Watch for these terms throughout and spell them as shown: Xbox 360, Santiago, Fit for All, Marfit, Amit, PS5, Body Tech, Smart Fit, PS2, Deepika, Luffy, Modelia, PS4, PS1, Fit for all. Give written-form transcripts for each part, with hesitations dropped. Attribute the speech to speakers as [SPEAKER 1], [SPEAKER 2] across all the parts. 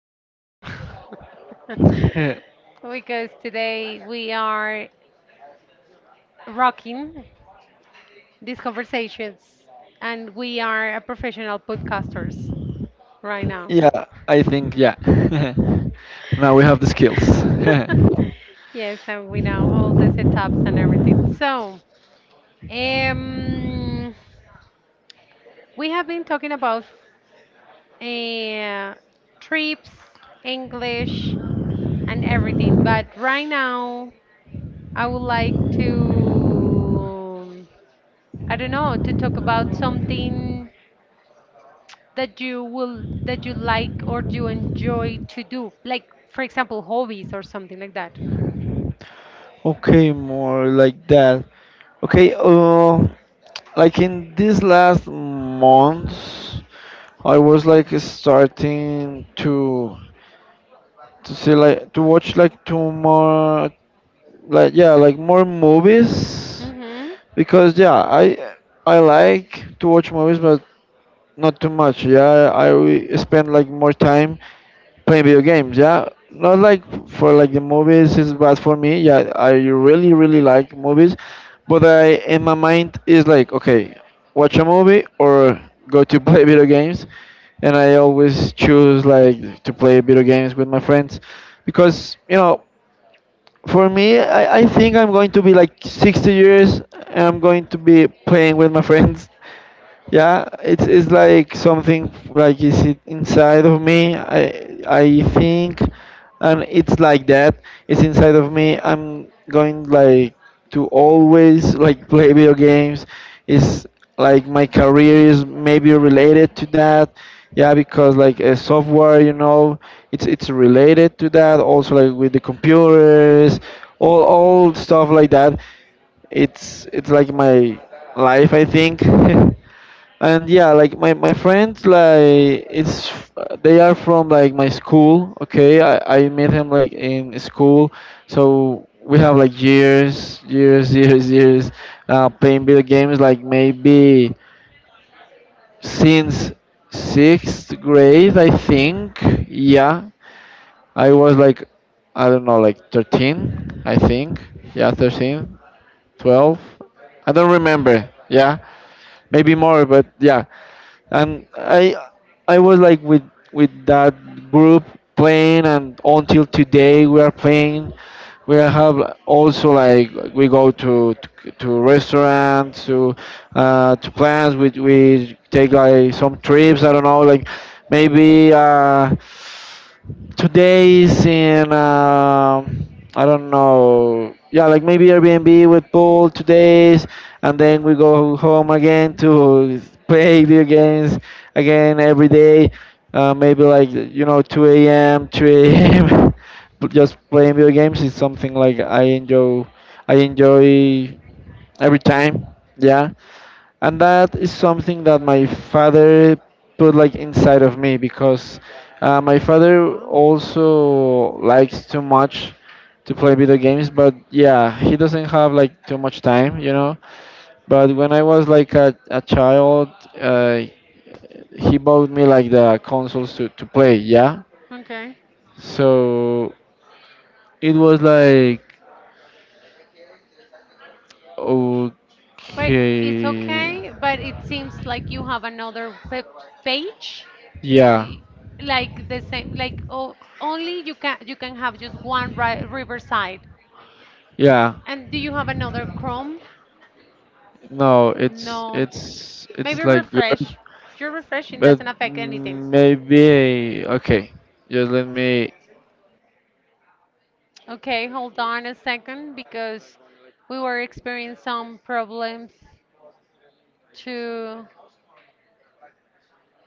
[SPEAKER 1] Santiago. Because today we are rocking these conversations, and we are a professional podcasters right now. Yes, and we know all the setups and everything. So, um, we have been talking about uh, trips, English, and everything. But right now, I would like to, I don't know, to talk about something that you like or you enjoy to do, like for example, hobbies or something like that. Mm-hmm. Wow. Okay. But it's okay, but it seems like you have another pe page Y- like the same, like, oh, only you can have just one riverside. And do you have another Chrome? No. Maybe refresh. Your refreshing doesn't affect anything. Okay, hold on a second because we were experiencing some problems too.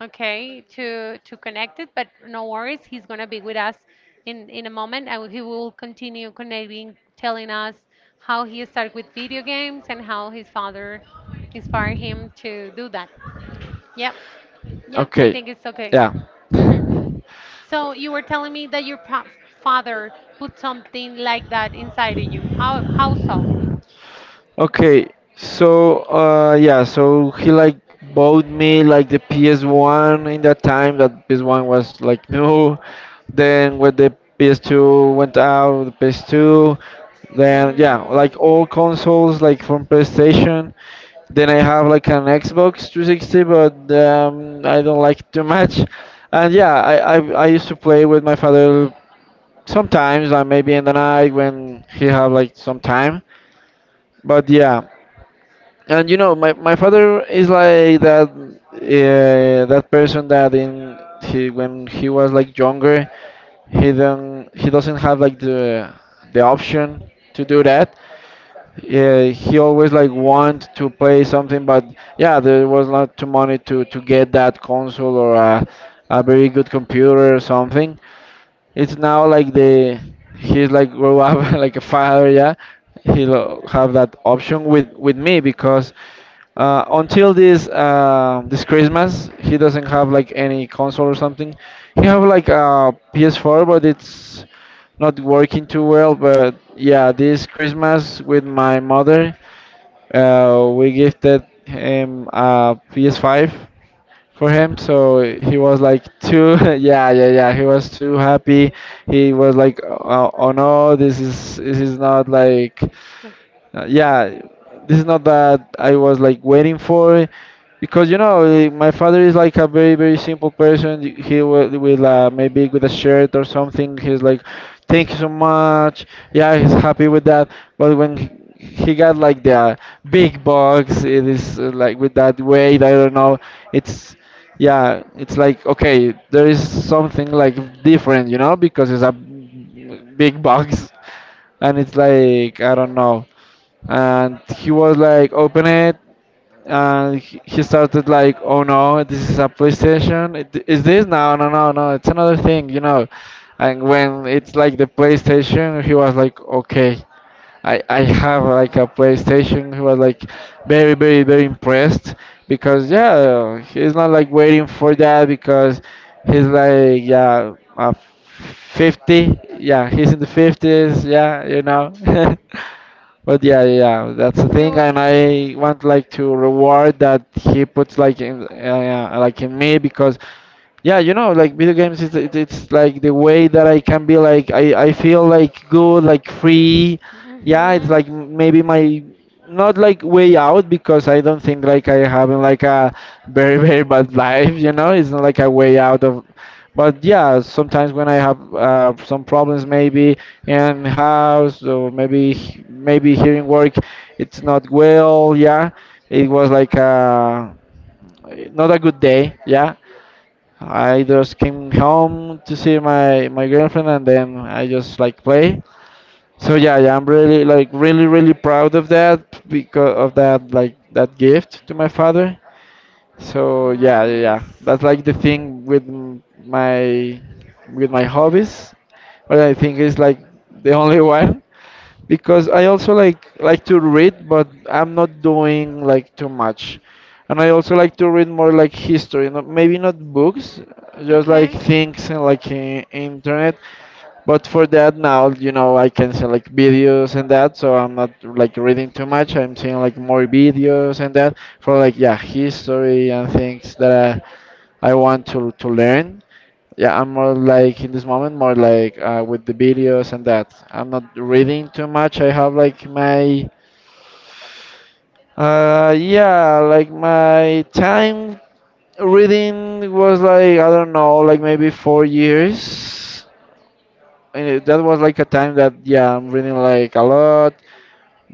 [SPEAKER 1] Okay, to connect it. But no worries, he's going to be with us in a moment, and he will continue connecting, telling us how he started with video games and how his father inspired him to do that. Yep. Yep, I
[SPEAKER 2] Okay,
[SPEAKER 1] think it's okay.
[SPEAKER 2] yeah.
[SPEAKER 1] hmm so you were telling me that your father put something like that inside of you. How so?
[SPEAKER 2] Okay, so yeah, so he like bought me like the PS1 in that time that PS1 was like new. Then when the PS2 went out, the PS2, then yeah, like
[SPEAKER 1] Mm.
[SPEAKER 2] all consoles like from PlayStation, then I have like an Xbox 360, but I don't like it too much. And yeah, I used to play with my father sometimes, like maybe in the night when he have like some time. But yeah, and you know, my father is like that that person that in he when he was like younger, he doesn't have like the option to do that, yeah, he always like want to play something, but yeah, there was not too money to get that console or a very good computer or something. It's now like the he's like grow up like a father, yeah. He'll have that option with me because until this Christmas he doesn't have like any console or something. He have like a PS4, but it's not working too well. But yeah, this Christmas with my mother, we gifted him a PS5 for him. So he was like too, yeah, yeah, yeah. He was too happy. He was like, oh, oh no, this is not like uh, yeah, this is not that I was like waiting for it because my father is like a very very simple person. He will with maybe with a shirt or something. He's like, thank you so much. Yeah, he's happy with that. But when he got like the big box, it is like with that weight. I don't know. It's yeah, it's like okay, there is something like different, you know, because it's a big box and it's like I don't know and he was like open it and he started like, oh no, this is a PlayStation. Is this? No, no, no, no, it's another thing, you know. And when it's like the PlayStation he was like, okay, I have like a PlayStation. He was like very very very impressed because yeah, he's not like waiting for that because he's like yeah, uh, 50, yeah, he's in the 50s, yeah, you know. But yeah, yeah, yeah. That's the
[SPEAKER 1] He,
[SPEAKER 2] thing,
[SPEAKER 1] wa- he-
[SPEAKER 2] and I want like to reward that he puts like in me because yeah, you know, like video games is it's like the way that I can be like I feel like good, like free. Yeah, it's
[SPEAKER 1] Mhm.
[SPEAKER 2] like maybe my, not like way out, because I don't think like I having like a very very bad life, you know? It's not like a way out of, but yeah, sometimes when I have some problems maybe in house or maybe maybe here in work, it's not well, yeah. It was like not a good day, yeah. I just came home to see my girlfriend, and then I just like play. So yeah, yeah, I'm really like really really proud of that because of that like that gift to my father. So yeah, yeah,
[SPEAKER 1] Nice.
[SPEAKER 2] yeah. That's like the thing with m- my with my hobbies. But I think it's like the only one because I also like to read, but I'm not doing like too much. And I also like to read more like history, not, maybe not books, just like
[SPEAKER 1] Okay.
[SPEAKER 2] things and like internet. But for that now, you know, I can see like videos and that, so I'm not like reading too much. I'm seeing like more videos and that for like yeah history and things that I want to learn. Yeah, I'm more like in this moment, more like with the videos and that. I'm not reading too much. I have like my time reading was like, I don't know, like maybe 4 years. And that was like a time that, yeah, I'm reading like a lot.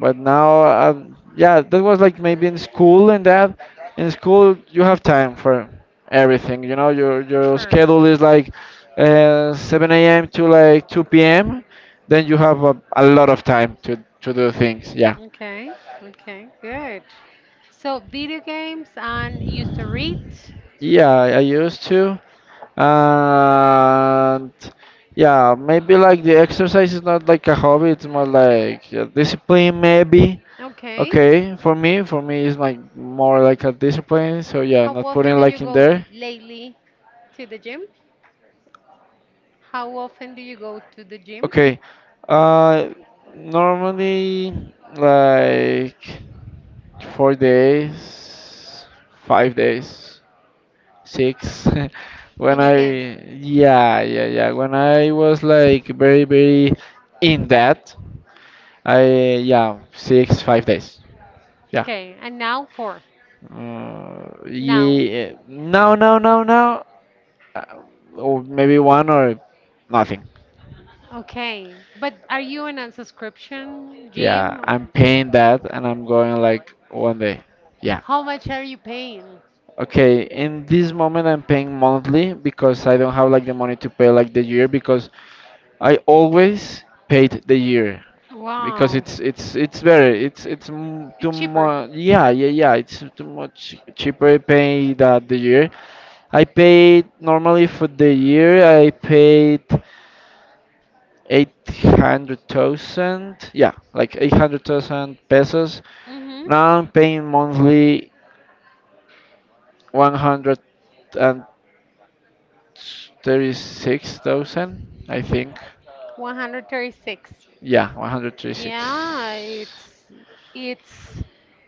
[SPEAKER 2] But now, yeah, that was like maybe in school and that. In school, you have time for everything. You know, your
[SPEAKER 1] Sure.
[SPEAKER 2] schedule is like 7 a.m. to like 2 p.m. Then you have a lot of time to do things. Yeah,
[SPEAKER 1] Okay, okay, good. So, video games and you used to read.
[SPEAKER 2] yeah, I used to, and yeah, maybe like the exercise is not like a hobby. It's more like discipline, maybe.
[SPEAKER 1] Okay.
[SPEAKER 2] Okay, for me it's like more like a discipline. So yeah,
[SPEAKER 1] How
[SPEAKER 2] not
[SPEAKER 1] often
[SPEAKER 2] putting
[SPEAKER 1] do you
[SPEAKER 2] like in
[SPEAKER 1] go
[SPEAKER 2] there.
[SPEAKER 1] lately to the gym? How often do you go to the gym?
[SPEAKER 2] Okay, uh, normally like 4 days, 5 days, six. When
[SPEAKER 1] When you can.
[SPEAKER 2] I yeah, yeah, yeah, when I was like very very in that, I yeah, six, five days. Yeah.
[SPEAKER 1] Okay, and now four. Now.
[SPEAKER 2] Yeah. Now, uh, or maybe one or nothing.
[SPEAKER 1] Okay. But are you in a subscription
[SPEAKER 2] Yeah,
[SPEAKER 1] gym?
[SPEAKER 2] I'm paying that and I'm going like one day. Yeah.
[SPEAKER 1] How much are you paying?
[SPEAKER 2] Okay, in this moment I'm paying monthly because I don't have like the money to pay like the year because I always paid the year because
[SPEAKER 1] Wow.
[SPEAKER 2] it's better. It's too
[SPEAKER 1] It's cheaper.
[SPEAKER 2] much. Yeah, yeah, yeah. It's too much cheaper pay that the year. I paid normally for the year. I paid 800,000, yeah, like 800,000 pesos.
[SPEAKER 1] Mm-hmm.
[SPEAKER 2] Now I'm paying monthly 136,000, I think.
[SPEAKER 1] 136.
[SPEAKER 2] Yeah,
[SPEAKER 1] Yeah,
[SPEAKER 2] 136.
[SPEAKER 1] it's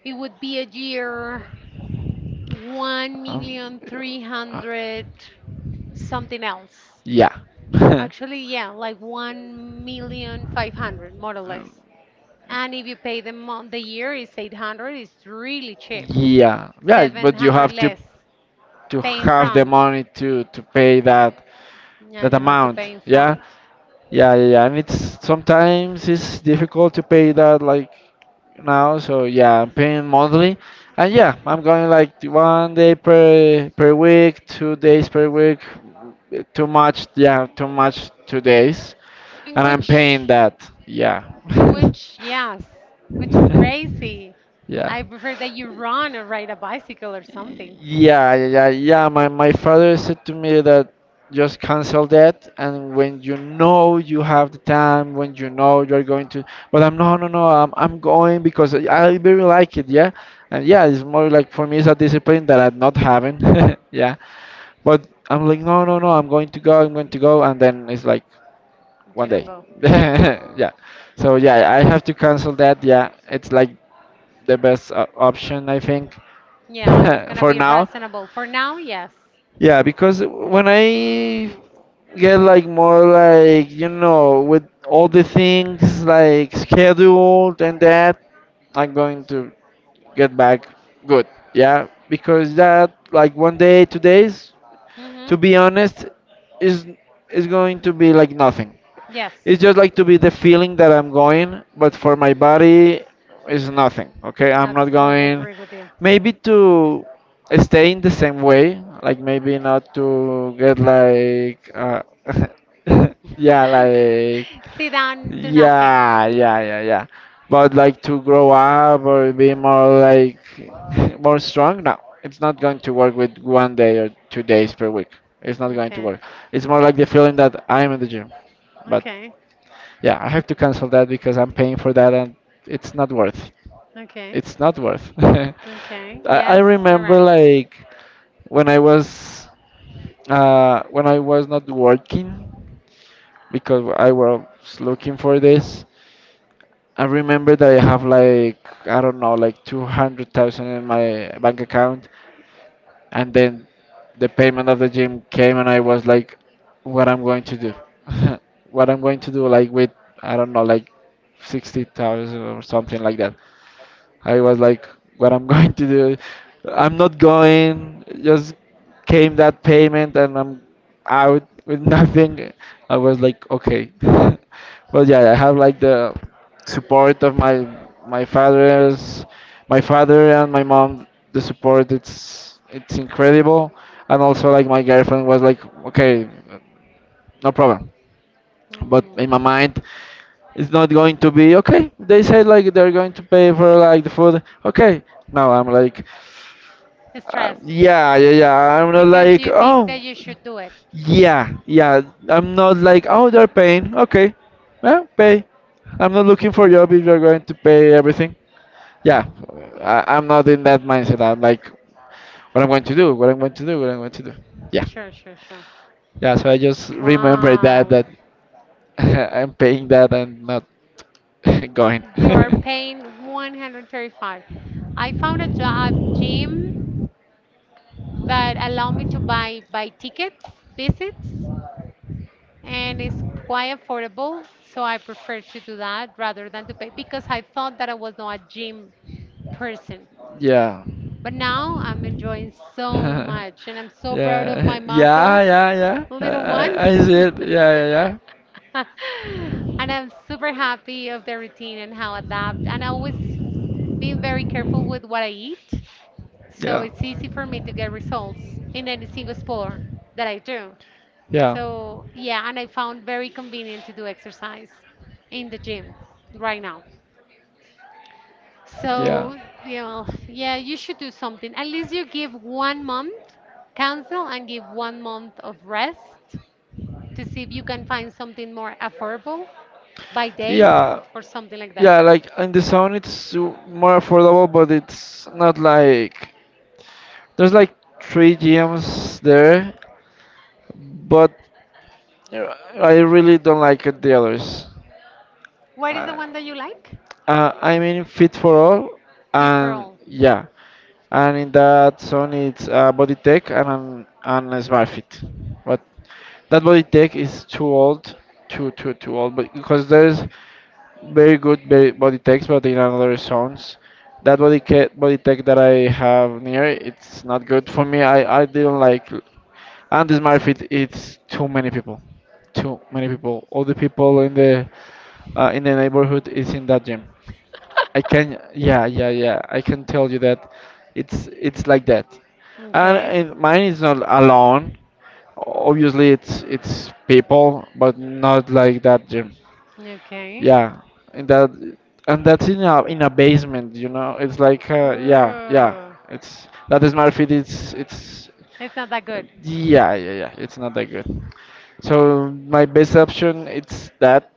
[SPEAKER 1] it would be a year, one
[SPEAKER 2] Um,
[SPEAKER 1] million three
[SPEAKER 2] uh,
[SPEAKER 1] hundred something else.
[SPEAKER 2] yeah.
[SPEAKER 1] Actually, yeah, like 1,000,500 more or less. And if you pay the month, the year is 800. It's really cheap.
[SPEAKER 2] Yeah, yeah,
[SPEAKER 1] Seven
[SPEAKER 2] but you
[SPEAKER 1] hundred
[SPEAKER 2] have to
[SPEAKER 1] less.
[SPEAKER 2] to
[SPEAKER 1] Pay in
[SPEAKER 2] have the
[SPEAKER 1] front.
[SPEAKER 2] money to pay that
[SPEAKER 1] Yeah,
[SPEAKER 2] that
[SPEAKER 1] you have to
[SPEAKER 2] amount,
[SPEAKER 1] pay in
[SPEAKER 2] yeah,
[SPEAKER 1] front.
[SPEAKER 2] yeah, yeah, yeah. And it's sometimes it's difficult to pay that like now, so yeah, I'm paying monthly and yeah, I'm going like one day per week, 2 days per week, too much, yeah, too much, 2 days,
[SPEAKER 1] In
[SPEAKER 2] and I'm paying
[SPEAKER 1] which?
[SPEAKER 2] that, yeah.
[SPEAKER 1] Which, yes, which is crazy.
[SPEAKER 2] Yeah.
[SPEAKER 1] I prefer that you run or ride a bicycle or something.
[SPEAKER 2] Yeah, yeah, yeah. My father said to me that just cancel that, and when you know you have the time, when you know you're going to. But I'm no, no, no. I'm going because I really like it. Yeah, and yeah, it's more like for me it's a discipline that I'm not having. Yeah, but I'm like no, no, no. I'm going to go. I'm going to go, and then it's like
[SPEAKER 1] You
[SPEAKER 2] one
[SPEAKER 1] don't
[SPEAKER 2] day.
[SPEAKER 1] go.
[SPEAKER 2] Yeah. So yeah, I have to cancel that. Yeah, it's like the best option I think.
[SPEAKER 1] Yeah, it's gonna
[SPEAKER 2] For
[SPEAKER 1] be
[SPEAKER 2] now.
[SPEAKER 1] reasonable. For now, yes.
[SPEAKER 2] Yeah, because when I get like more like you know with all the things like scheduled and that, I'm going to get back good. Yeah, because that like one day, 2 days, to
[SPEAKER 1] Mm-hmm.
[SPEAKER 2] be honest, is is going to be like nothing.
[SPEAKER 1] Yes.
[SPEAKER 2] It's just like to be the feeling that I'm going, but for my body, it's nothing. Okay, I'm not
[SPEAKER 1] Absolutely
[SPEAKER 2] going.
[SPEAKER 1] agree with you.
[SPEAKER 2] Maybe to stay in the same way, like maybe not to get like, yeah, like,
[SPEAKER 1] Sit down, do nothing.
[SPEAKER 2] yeah, yeah, yeah, yeah. But like to grow up or be more like more strong. No, it's not going to work with one day or 2 days per week. It's not going to
[SPEAKER 1] Okay,
[SPEAKER 2] work. It's more like the feeling that I'm in the gym, but
[SPEAKER 1] okay,
[SPEAKER 2] yeah, I have to cancel that because I'm paying for that and it's not worth.
[SPEAKER 1] okay,
[SPEAKER 2] It's not worth. I,
[SPEAKER 1] okay.
[SPEAKER 2] I
[SPEAKER 1] Yes, you're
[SPEAKER 2] remember
[SPEAKER 1] right.
[SPEAKER 2] like when I was when I was not working because I was looking for this. I remember that I have like I don't know like 200,000 in my bank account and then the payment of the gym came and I was like what I'm going to do. What I'm going to do like with I don't know like 60,000 or something like that. I was like, what I'm going to do? I'm not going. Just came that payment and I'm out with nothing. I was like, okay. But yeah, I have like the support of my father's my father and my mom. The support it's incredible. And also like my girlfriend was like, okay, no problem. But
[SPEAKER 1] Mm.
[SPEAKER 2] in my mind, it's not going to be okay. They said like they're going to pay for like the food. Okay, now I'm like,
[SPEAKER 1] Stress.
[SPEAKER 2] yeah, yeah, yeah. I'm not
[SPEAKER 1] Because
[SPEAKER 2] like,
[SPEAKER 1] you think
[SPEAKER 2] oh,
[SPEAKER 1] that you should do it.
[SPEAKER 2] yeah, yeah. I'm not like, oh, they're paying. Okay, well, pay. I'm not looking for job if you're going to pay everything. Yeah, I'm not in that mindset. I'm like, what I'm going to do, what I'm going to do, what I'm going to do. Yeah,
[SPEAKER 1] Sure, sure, sure.
[SPEAKER 2] yeah. So I just remember that
[SPEAKER 1] Wow.
[SPEAKER 2] I'm paying that and not going.
[SPEAKER 1] You are paying 135. I found a job gym that allow me to buy tickets, visits, and it's quite affordable. So I prefer to do that rather than to pay because I thought that I was not a gym person.
[SPEAKER 2] Yeah.
[SPEAKER 1] But now I'm enjoying so
[SPEAKER 2] Yeah,
[SPEAKER 1] much and I'm so proud of
[SPEAKER 2] yeah,
[SPEAKER 1] my muscles,
[SPEAKER 2] yeah, yeah. I,
[SPEAKER 1] little ones.
[SPEAKER 2] I I see it. Yeah, yeah,
[SPEAKER 1] And I'm super happy of the routine and how I adapt. And I always being very careful with what I eat. So
[SPEAKER 2] yeah.
[SPEAKER 1] it's easy for me to get results in any single sport that I do.
[SPEAKER 2] Yeah.
[SPEAKER 1] So, yeah, and I found very convenient to do exercise in the gym right now.
[SPEAKER 2] Yeah.
[SPEAKER 1] So, yeah, you should do something. At least you give one month,
[SPEAKER 2] Yeah.
[SPEAKER 1] cancel and give one month of rest to see if you can find something more affordable by days
[SPEAKER 2] Yeah,
[SPEAKER 1] or something like that.
[SPEAKER 2] yeah, like in the zone it's more affordable, but it's not like there's like three gyms there, but uh, I really don't like it, the others.
[SPEAKER 1] What is the
[SPEAKER 2] Uh,
[SPEAKER 1] one that you like?
[SPEAKER 2] I mean, Fit for All,
[SPEAKER 1] Fit for
[SPEAKER 2] and
[SPEAKER 1] All.
[SPEAKER 2] yeah, and in that zone it's Body Tech and and a Smart Fit, but that Body Tech is too old, too old, but because there's very good body techs, but in another zones. That body tech that I have near, it's not good for me. I didn't like, and this Marfit, it's too many people, too many people. All the people in the neighborhood is in that gym. Yeah, yeah, yeah. I can tell you that, it's like that, and
[SPEAKER 1] Okay,
[SPEAKER 2] mine is not alone. Obviously, it's people, but not like that gym.
[SPEAKER 1] okay.
[SPEAKER 2] Yeah, and that's in a basement. It's like yeah, yeah.
[SPEAKER 1] Ooh,
[SPEAKER 2] It's that is my fit. It's
[SPEAKER 1] it's not that good.
[SPEAKER 2] Yeah, yeah, yeah. It's not that good. So my best option it's that,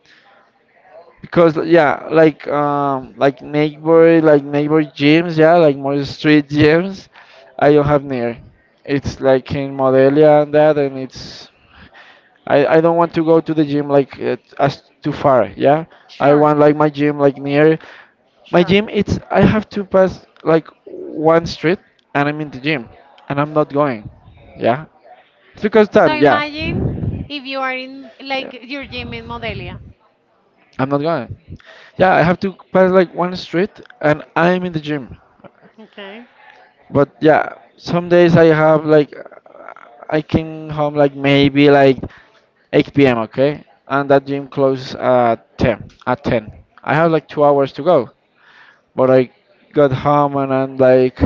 [SPEAKER 2] because yeah, like neighbor gyms, yeah, like more street gyms. I don't have near. It's like in Modelia and that, and it's I don't want to go to the gym like as too far, yeah. I
[SPEAKER 1] Sure,
[SPEAKER 2] want like my gym like near. My
[SPEAKER 1] sure.
[SPEAKER 2] gym, it's I have to pass like one street, and I'm in the gym, and I'm not going. Yeah. It's because
[SPEAKER 1] So
[SPEAKER 2] time, yeah.
[SPEAKER 1] imagine if you are in like
[SPEAKER 2] Yeah.
[SPEAKER 1] your gym in Modelia.
[SPEAKER 2] I'm not going. Yeah, I have to pass like one street, and I'm in the gym.
[SPEAKER 1] Okay.
[SPEAKER 2] But yeah, some days I came home like maybe like 8 p.m. Okay, and that gym closes at 10. At 10, I have like 2 hours to go. But I got home and I'm like,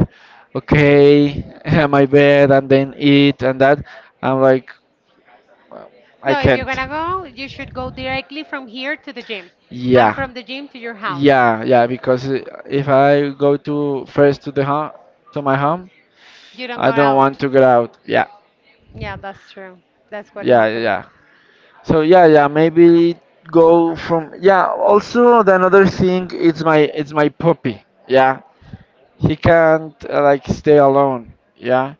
[SPEAKER 2] okay, my bed, and then eat and that. I'm like, I
[SPEAKER 1] No, if you're
[SPEAKER 2] can't.
[SPEAKER 1] gonna go, you should go directly from here to the gym and
[SPEAKER 2] Yeah.
[SPEAKER 1] from the gym to your house.
[SPEAKER 2] Yeah, yeah, because if I go to first to my home,
[SPEAKER 1] You don't go
[SPEAKER 2] I don't
[SPEAKER 1] out.
[SPEAKER 2] want to get out. Yeah,
[SPEAKER 1] Yeah, that's true. That's what
[SPEAKER 2] yeah, yeah.
[SPEAKER 1] happened.
[SPEAKER 2] Yeah. So yeah, yeah, maybe go from yeah. Also, the another thing, it's my puppy. Yeah, he can't like stay alone, yeah,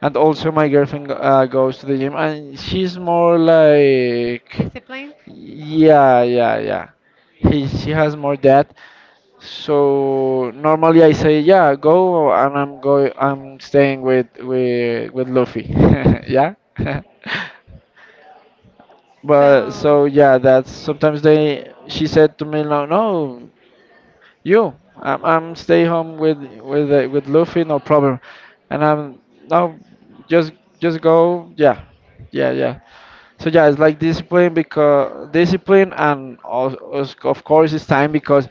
[SPEAKER 2] and also my girlfriend goes to the gym, and she's more like
[SPEAKER 1] Discipline.
[SPEAKER 2] yeah, yeah, yeah. She has more that. So normally I say yeah, go, and I'm going, I'm staying with Luffy. Yeah. But
[SPEAKER 1] So,
[SPEAKER 2] so yeah, that's sometimes they she said to me no, no. You, I'm stay home with with Luffy, no problem. And I'm no, just just go. Yeah, yeah, yeah. So yeah, it's like discipline because discipline, and of course it's time, because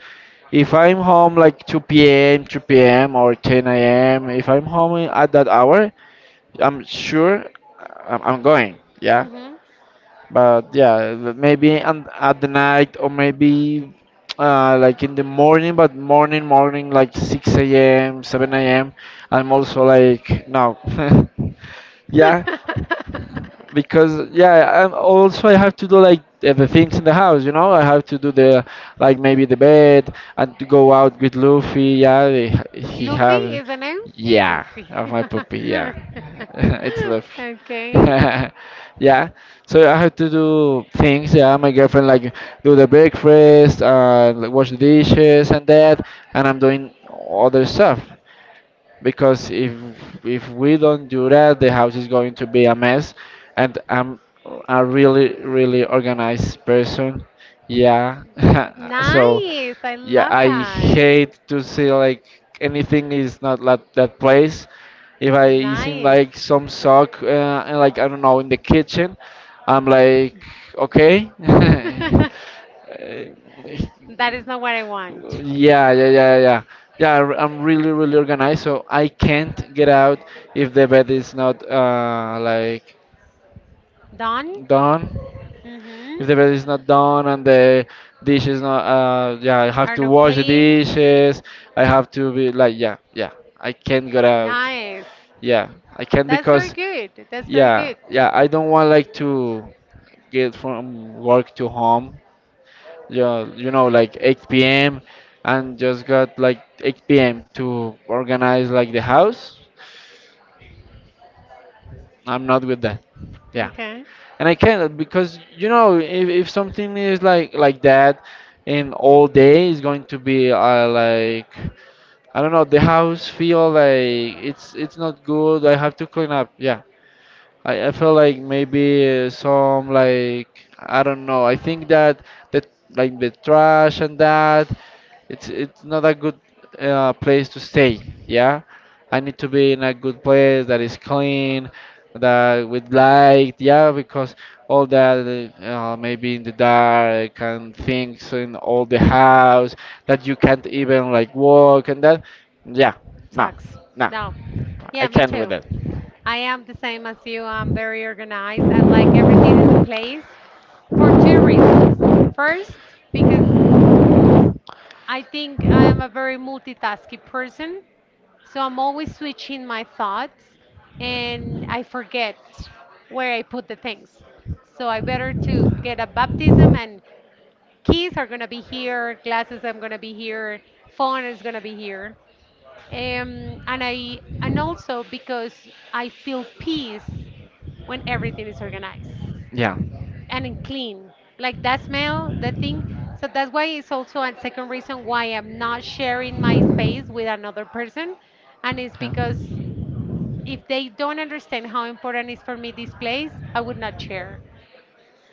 [SPEAKER 2] if I'm home like 2 p.m., 3 p.m. or 10 a.m. If I'm home at that hour, I'm sure I'm going. Yeah,
[SPEAKER 1] mhm.
[SPEAKER 2] but yeah, maybe at the night, or maybe like in the morning, but morning, morning, like 6 a.m., 7 a.m. I'm also like, no. Yeah, because yeah, and also I have to do like the things in the house. I have to do the like maybe the bed and to go out with Luffy, yeah. He
[SPEAKER 1] Luffy
[SPEAKER 2] have.
[SPEAKER 1] is the name?
[SPEAKER 2] Yeah,
[SPEAKER 1] Luffy.
[SPEAKER 2] of my puppy, yeah. It's Luffy.
[SPEAKER 1] Okay.
[SPEAKER 2] Yeah. So I have to do things, yeah. My girlfriend, like, do the breakfast, like, wash the dishes and that, and I'm doing other stuff, because if we don't do that, the house is going to be a mess. And I'm a really, really organized person. Yeah. So
[SPEAKER 1] Nice. I
[SPEAKER 2] yeah,
[SPEAKER 1] love
[SPEAKER 2] I
[SPEAKER 1] that.
[SPEAKER 2] hate to see like anything is not like that place. If I see
[SPEAKER 1] Nice.
[SPEAKER 2] like some sock and like I don't know, in the kitchen, I'm like, okay.
[SPEAKER 1] That is not what I want.
[SPEAKER 2] Yeah, yeah, yeah, yeah. Yeah, I am really, really organized, so I can't get out if the bed is not like
[SPEAKER 1] Done?
[SPEAKER 2] done, if the
[SPEAKER 1] Mm-hmm.
[SPEAKER 2] bed is not done, and the dish is not yeah, I have
[SPEAKER 1] Are
[SPEAKER 2] to
[SPEAKER 1] not
[SPEAKER 2] wash the
[SPEAKER 1] clean?
[SPEAKER 2] dishes. I have to be like, yeah, yeah, I can't get out.
[SPEAKER 1] Nice.
[SPEAKER 2] Yeah, I can't,
[SPEAKER 1] That's very
[SPEAKER 2] because
[SPEAKER 1] good. That's very
[SPEAKER 2] yeah,
[SPEAKER 1] good.
[SPEAKER 2] yeah, I don't want like to get from work to home, yeah, like 8 p.m., and just got like 8 p.m. to organize like the house, I'm not with that. Yeah,
[SPEAKER 1] Okay.
[SPEAKER 2] and I cannot because you know if, something is like that, and all day is going to be like, I don't know, the house feel like it's not good, I have to clean up, yeah. I feel like maybe some like, I don't know, I think that that like the trash and that, it's not a good place to stay. Yeah, I need to be in a good place that is clean, that with light. Yeah, because all that maybe in the dark, and things in all the house that you can't even like walk and that. Yeah, no,
[SPEAKER 1] Sucks.
[SPEAKER 2] no,
[SPEAKER 1] No.
[SPEAKER 2] I
[SPEAKER 1] Yeah, me
[SPEAKER 2] can't with
[SPEAKER 1] too.
[SPEAKER 2] that.
[SPEAKER 1] I am the same as you. I'm very organized. I like everything in the place for two reasons. First, because mm, I think I am a very multitasking person, so I'm always switching my thoughts and I forget where I put the things. So I better to get a baptism and keys are going to be here, glasses I'm going to be here, phone is going to be here, and I and also because I feel peace when everything is organized
[SPEAKER 2] Yeah. Yeah.
[SPEAKER 1] and in clean. Like that smell, the thing. So that's why it's also a second reason why I'm not sharing my space with another person, and it's because if they don't understand how important is for me this place, I would not share.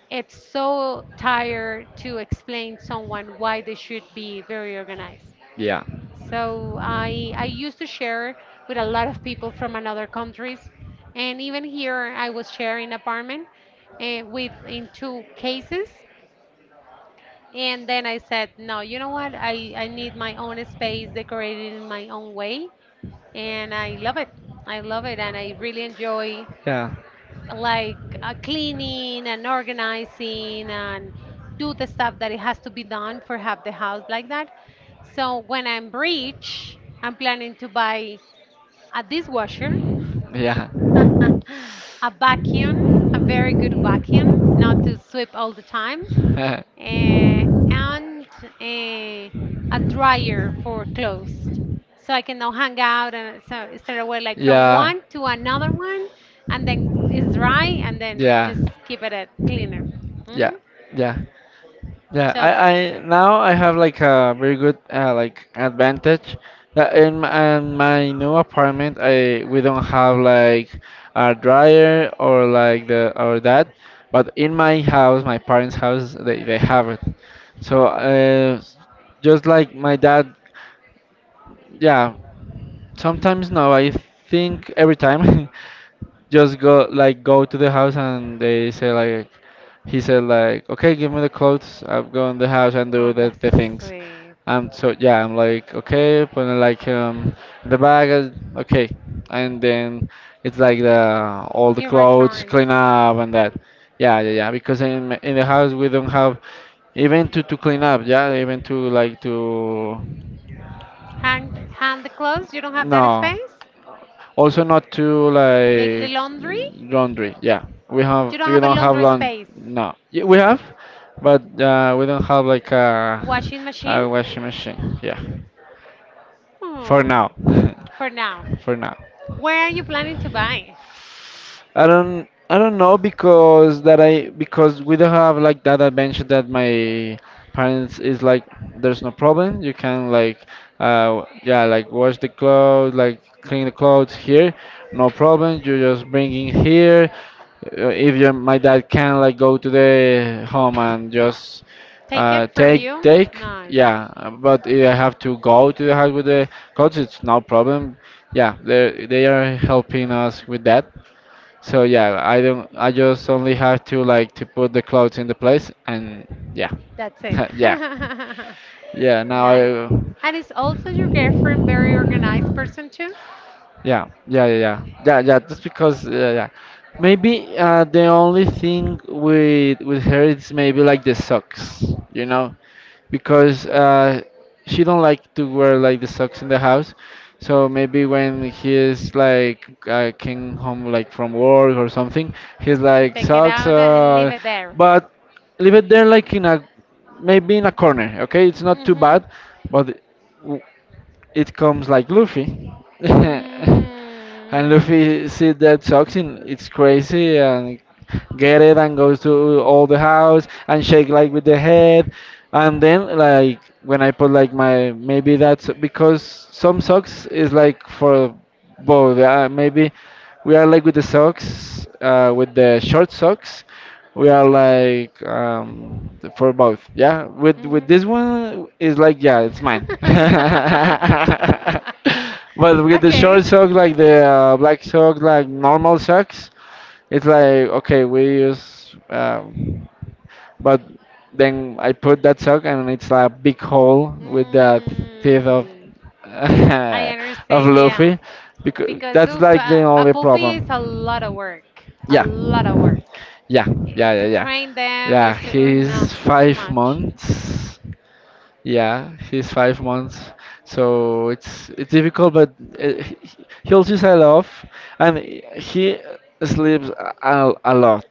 [SPEAKER 1] It's so tired to explain someone why they should be very organized.
[SPEAKER 2] Yeah. So
[SPEAKER 1] So I used to share with a lot of people from another countries, and even here I was sharing apartment with in two cases. And then I said, no, you know what? I need my own space decorated in my own way, and I love it. I love it, and I really enjoy
[SPEAKER 2] yeah.
[SPEAKER 1] like cleaning and organizing and do the stuff that it has to be done for have the house like that. So when I'm rich, I'm planning to buy a dishwasher,
[SPEAKER 2] Yeah.
[SPEAKER 1] a vacuum, a very good vacuum, not to sweep all the time,
[SPEAKER 2] yeah.
[SPEAKER 1] uh, and a, a dryer for clothes. So I can now hang out and so instead of wear like from one to another one, and then it's dry, and then
[SPEAKER 2] yeah.
[SPEAKER 1] just keep it at cleaner.
[SPEAKER 2] Yeah.
[SPEAKER 1] Hmm.
[SPEAKER 2] Yeah. Yeah,
[SPEAKER 1] So,
[SPEAKER 2] I now I have like a very good like advantage that in my new apartment, I we don't have like a dryer or like the or that, but in my house, my parents' house, they have it. So just like my dad, yeah, sometimes no, I think every time just go like go to the house, and they say like he said like, okay, give me the clothes. I'm going to the house and
[SPEAKER 1] oh,
[SPEAKER 2] do the,
[SPEAKER 1] that's
[SPEAKER 2] the
[SPEAKER 1] so
[SPEAKER 2] things.
[SPEAKER 1] sweet.
[SPEAKER 2] So yeah, I'm like, okay, putting like the bag, okay, and then it's like the all the
[SPEAKER 1] He
[SPEAKER 2] clothes
[SPEAKER 1] returns.
[SPEAKER 2] clean up and that. Yeah, yeah, yeah. Because in the house we don't have even to clean up. Yeah, even to like to.
[SPEAKER 1] Hang the clothes. You don't have that
[SPEAKER 2] No,
[SPEAKER 1] space.
[SPEAKER 2] also not too
[SPEAKER 1] The
[SPEAKER 2] like
[SPEAKER 1] laundry.
[SPEAKER 2] laundry. Yeah,
[SPEAKER 1] You don't
[SPEAKER 2] we
[SPEAKER 1] have a
[SPEAKER 2] don't have
[SPEAKER 1] laundry
[SPEAKER 2] laundry.
[SPEAKER 1] space.
[SPEAKER 2] No, yeah, we have, but we don't have like a
[SPEAKER 1] Washing machine.
[SPEAKER 2] a washing machine. Yeah, for
[SPEAKER 1] Hmm.
[SPEAKER 2] now,
[SPEAKER 1] For now,
[SPEAKER 2] for now.
[SPEAKER 1] where are you planning to buy?
[SPEAKER 2] I don't know, because that I because we don't have like that adventure that my parents is like, there's no problem, you can like yeah, like wash the clothes, like clean the clothes here, no problem, you just bring in here. If your my dad can like go to the home and just
[SPEAKER 1] Take
[SPEAKER 2] uh
[SPEAKER 1] it from
[SPEAKER 2] take
[SPEAKER 1] you?
[SPEAKER 2] take
[SPEAKER 1] Nice.
[SPEAKER 2] yeah, but if I have to go to the house with the clothes, it's no problem. Yeah, they are helping us with that. So yeah, I don't. I just only have to like to put the clothes in the place, and yeah.
[SPEAKER 1] That's it.
[SPEAKER 2] Yeah, yeah. Now
[SPEAKER 1] Nice.
[SPEAKER 2] I,
[SPEAKER 1] And is also your girlfriend very organized person too?
[SPEAKER 2] yeah, yeah, yeah, yeah, yeah, yeah. Just because, yeah, yeah. Maybe the only thing with her is maybe like the socks, you know, because she don't like to wear like the socks in the house. So maybe when he is like came home like from work or something, he's
[SPEAKER 1] She
[SPEAKER 2] like
[SPEAKER 1] take it
[SPEAKER 2] socks,
[SPEAKER 1] out and leave it there.
[SPEAKER 2] but leave it there like in a, maybe in a corner. Okay, it's not too
[SPEAKER 1] Mm-hmm.
[SPEAKER 2] bad, but it comes like Luffy. And Luffy sees that toxin, it's crazy, and get it, and goes to all the house, and shake like with the head. And then like when I put like my, maybe that's because some socks is like for both. Maybe we are like with the socks,
[SPEAKER 1] Mm.
[SPEAKER 2] with the short socks, we are like for both, yeah, with with
[SPEAKER 1] Mhm.
[SPEAKER 2] this one is like, yeah, it's mine. But with the
[SPEAKER 1] Okay.
[SPEAKER 2] short sock, like the black sock, like normal socks, it's like okay we use, but then I put that sock and it's like a big hole with the teeth of
[SPEAKER 1] Mm, I
[SPEAKER 2] of
[SPEAKER 1] understand, yeah.
[SPEAKER 2] Luffy, because
[SPEAKER 1] Because
[SPEAKER 2] that's
[SPEAKER 1] oof,
[SPEAKER 2] like the
[SPEAKER 1] a
[SPEAKER 2] only
[SPEAKER 1] puppy is a lot of
[SPEAKER 2] problem.
[SPEAKER 1] work, a
[SPEAKER 2] Yeah,
[SPEAKER 1] lot of work.
[SPEAKER 2] yeah, yeah,
[SPEAKER 1] It's
[SPEAKER 2] yeah,
[SPEAKER 1] to
[SPEAKER 2] yeah,
[SPEAKER 1] train them,
[SPEAKER 2] yeah.
[SPEAKER 1] it's to, oh, no,
[SPEAKER 2] he's
[SPEAKER 1] it's too
[SPEAKER 2] five
[SPEAKER 1] much.
[SPEAKER 2] months. Yeah, he's 5 months. So it's difficult, but uh, he- he'll just I love, and he sleeps a lot.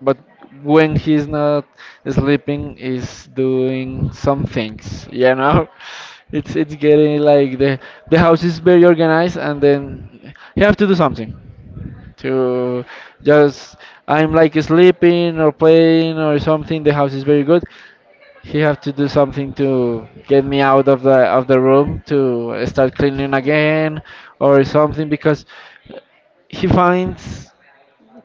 [SPEAKER 2] But when he's not sleeping, he's doing some things. It's getting like the house is very organized, and then you have to do something to just I'm like sleeping or playing or something. The house is very good. He have to do something to get me out of the room to start cleaning again or something, because he finds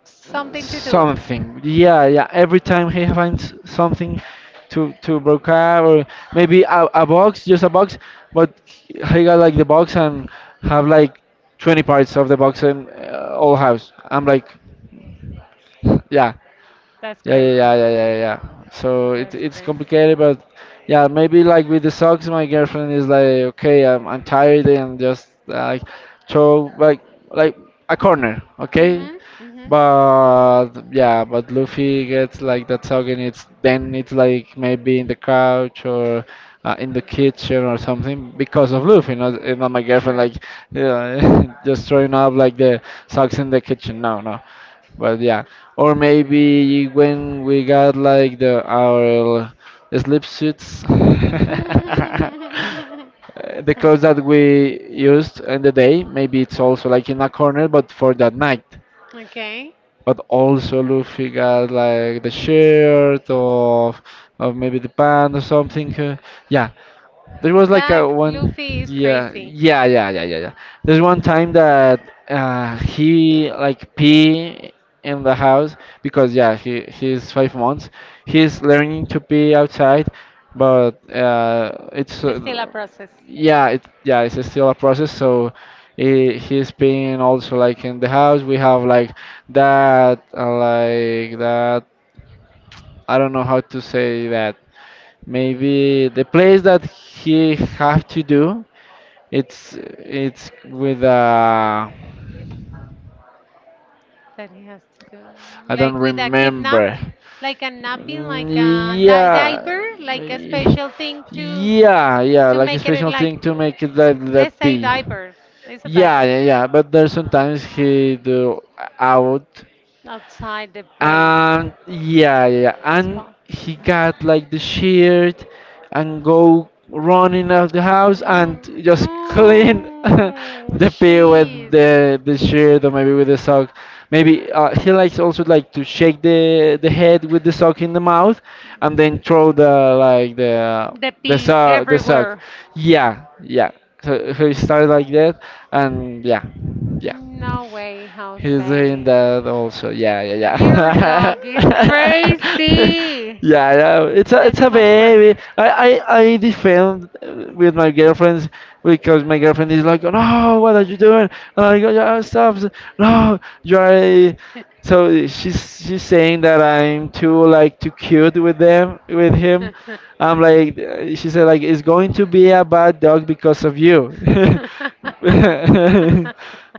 [SPEAKER 1] Something to do.
[SPEAKER 2] something. Yeah, yeah. Every time he finds something to broke up, or maybe a box, just a box, but he got like the box and have like 20 parts of the box in all house. I'm like, yeah.
[SPEAKER 1] That's
[SPEAKER 2] Yeah, yeah, yeah,
[SPEAKER 1] crazy.
[SPEAKER 2] yeah, yeah, yeah. So it,
[SPEAKER 1] That's
[SPEAKER 2] it's
[SPEAKER 1] crazy.
[SPEAKER 2] complicated, but yeah, maybe like with the socks, my girlfriend is like, okay, I'm tired, and just like throw like like a corner, okay?
[SPEAKER 1] Mhm. Mhm.
[SPEAKER 2] But yeah, but Luffy gets like that song, and it's like maybe in the couch or in the kitchen or something because of Luffy, not my girlfriend
[SPEAKER 1] Sure.
[SPEAKER 2] like, yeah, just throwing up like the socks in the kitchen. No, no. But yeah, or maybe when we got like the our sleep suits. The clothes that we used in the day maybe it's also like in a corner but for that night
[SPEAKER 1] Okay.
[SPEAKER 2] but also Luffy got like the shirt of maybe the band or something. Yeah, there was like
[SPEAKER 1] That
[SPEAKER 2] a one,
[SPEAKER 1] Luffy is
[SPEAKER 2] yeah,
[SPEAKER 1] crazy.
[SPEAKER 2] yeah, yeah, yeah, yeah, yeah. There's one time that he like pee in the house because yeah, he's 5 months. He's learning to pee outside, but it's
[SPEAKER 1] It's still a process.
[SPEAKER 2] yeah, it yeah, it's still a process. So he's peeing also like in the house. We have like like that. I don't know how to say that. Maybe the place that he have to do it's with
[SPEAKER 1] That he has to
[SPEAKER 2] I
[SPEAKER 1] do
[SPEAKER 2] don't
[SPEAKER 1] like with a kidnap,
[SPEAKER 2] remember.
[SPEAKER 1] like a napping, like
[SPEAKER 2] Mm,
[SPEAKER 1] a di-
[SPEAKER 2] yeah.
[SPEAKER 1] diaper like a special thing to
[SPEAKER 2] Yeah, yeah,
[SPEAKER 1] to
[SPEAKER 2] like a
[SPEAKER 1] make it
[SPEAKER 2] special thing
[SPEAKER 1] like,
[SPEAKER 2] to make it that
[SPEAKER 1] let's say,
[SPEAKER 2] be.
[SPEAKER 1] diaper. It's a
[SPEAKER 2] Yeah,
[SPEAKER 1] diaper
[SPEAKER 2] yeah, yeah. But there's sometimes he do out.
[SPEAKER 1] outside the place
[SPEAKER 2] And yeah, yeah, yeah, and
[SPEAKER 1] spot.
[SPEAKER 2] he got like the shirt and go running out the house and
[SPEAKER 1] Mm,
[SPEAKER 2] just clean
[SPEAKER 1] no,
[SPEAKER 2] the pee with
[SPEAKER 1] she's...
[SPEAKER 2] the shirt or maybe with the sock. Maybe he likes also like to shake the head with the sock in the mouth and then throw the like
[SPEAKER 1] The
[SPEAKER 2] the
[SPEAKER 1] pee
[SPEAKER 2] sock the sock.
[SPEAKER 1] everywhere.
[SPEAKER 2] Yeah, yeah. So he started like that, and yeah, yeah.
[SPEAKER 1] No way,
[SPEAKER 2] He's doing
[SPEAKER 1] Jose.
[SPEAKER 2] that also. Yeah,
[SPEAKER 1] Your
[SPEAKER 2] yeah,
[SPEAKER 1] dog is
[SPEAKER 2] yeah.
[SPEAKER 1] crazy.
[SPEAKER 2] Yeah, yeah, it's a
[SPEAKER 1] That's too much work.
[SPEAKER 2] baby. I defend with my girlfriends because my girlfriend is like, no, what are you doing? And I go, yeah, stop, no, you are. A-" So she's saying that I'm too like too cute with them with him. I'm like, she said, like, it's going to be a bad dog because of you.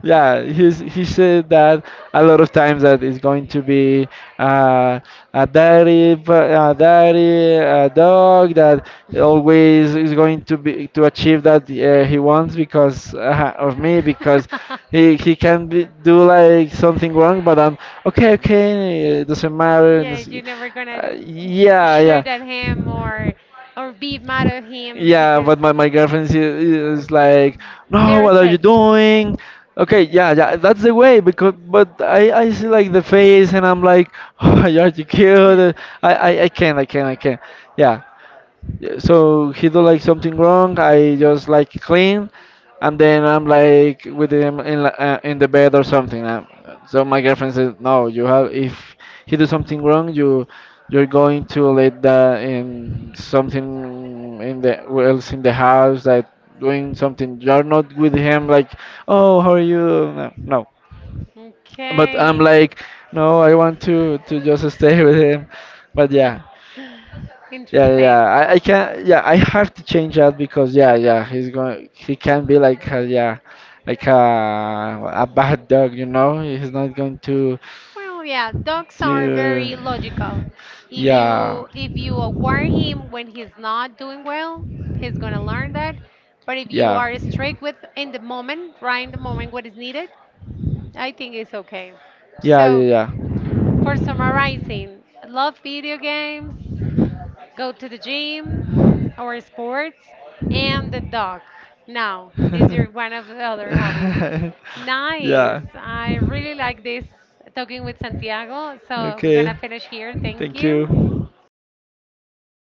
[SPEAKER 2] Yeah, he said that a lot of times that it's going to be uh, a a dirty dog that always is going to be to achieve that he wants because of me because. He can be, do like something wrong, but I'm okay, okay, it doesn't matter. And
[SPEAKER 1] Yeah,
[SPEAKER 2] it's-
[SPEAKER 1] you're never gonna
[SPEAKER 2] yeah, yeah.
[SPEAKER 1] shoot at him or be mad at him
[SPEAKER 2] Yeah,
[SPEAKER 1] because
[SPEAKER 2] but my girlfriend she is like, no,
[SPEAKER 1] very
[SPEAKER 2] what are you
[SPEAKER 1] strict.
[SPEAKER 2] doing? Okay, yeah, yeah, that's the way because but I see like the face and I'm like, oh, are you cute? I can't, I can't. Yeah, yeah. So he do like something wrong. I just like clean, and then I'm like with him in in the bed or something. So my girlfriend says, "No, you have if he do something wrong, you're going to let that in something in the else in the house that doing something. You're not with him like, oh, how are you? No, no." But I'm
[SPEAKER 1] Okay.
[SPEAKER 2] like, no, I want to just stay with him. But yeah, yeah, yeah, yeah.
[SPEAKER 1] Interesting.
[SPEAKER 2] I can. Yeah, I have to change that because yeah, yeah. He's going. He can be like a, yeah, like a bad dog. You know, he's not going to
[SPEAKER 1] Well, yeah, dogs are
[SPEAKER 2] to.
[SPEAKER 1] very logical. If
[SPEAKER 2] Yeah.
[SPEAKER 1] you aware him when he's not doing well, he's gonna learn that. But if you
[SPEAKER 2] Yeah.
[SPEAKER 1] are strict with in the moment, right in the moment what is needed, I think it's okay.
[SPEAKER 2] Yeah, yeah,
[SPEAKER 1] So,
[SPEAKER 2] yeah.
[SPEAKER 1] for summarizing, love video games, go to the gym, or sports, and the dog. Now is your one of the other hobbies. Nice.
[SPEAKER 2] Yeah.
[SPEAKER 1] I really like this talking with Santiago. So we're
[SPEAKER 2] Okay.
[SPEAKER 1] gonna finish here. Thank
[SPEAKER 2] Thank
[SPEAKER 1] you.
[SPEAKER 2] you.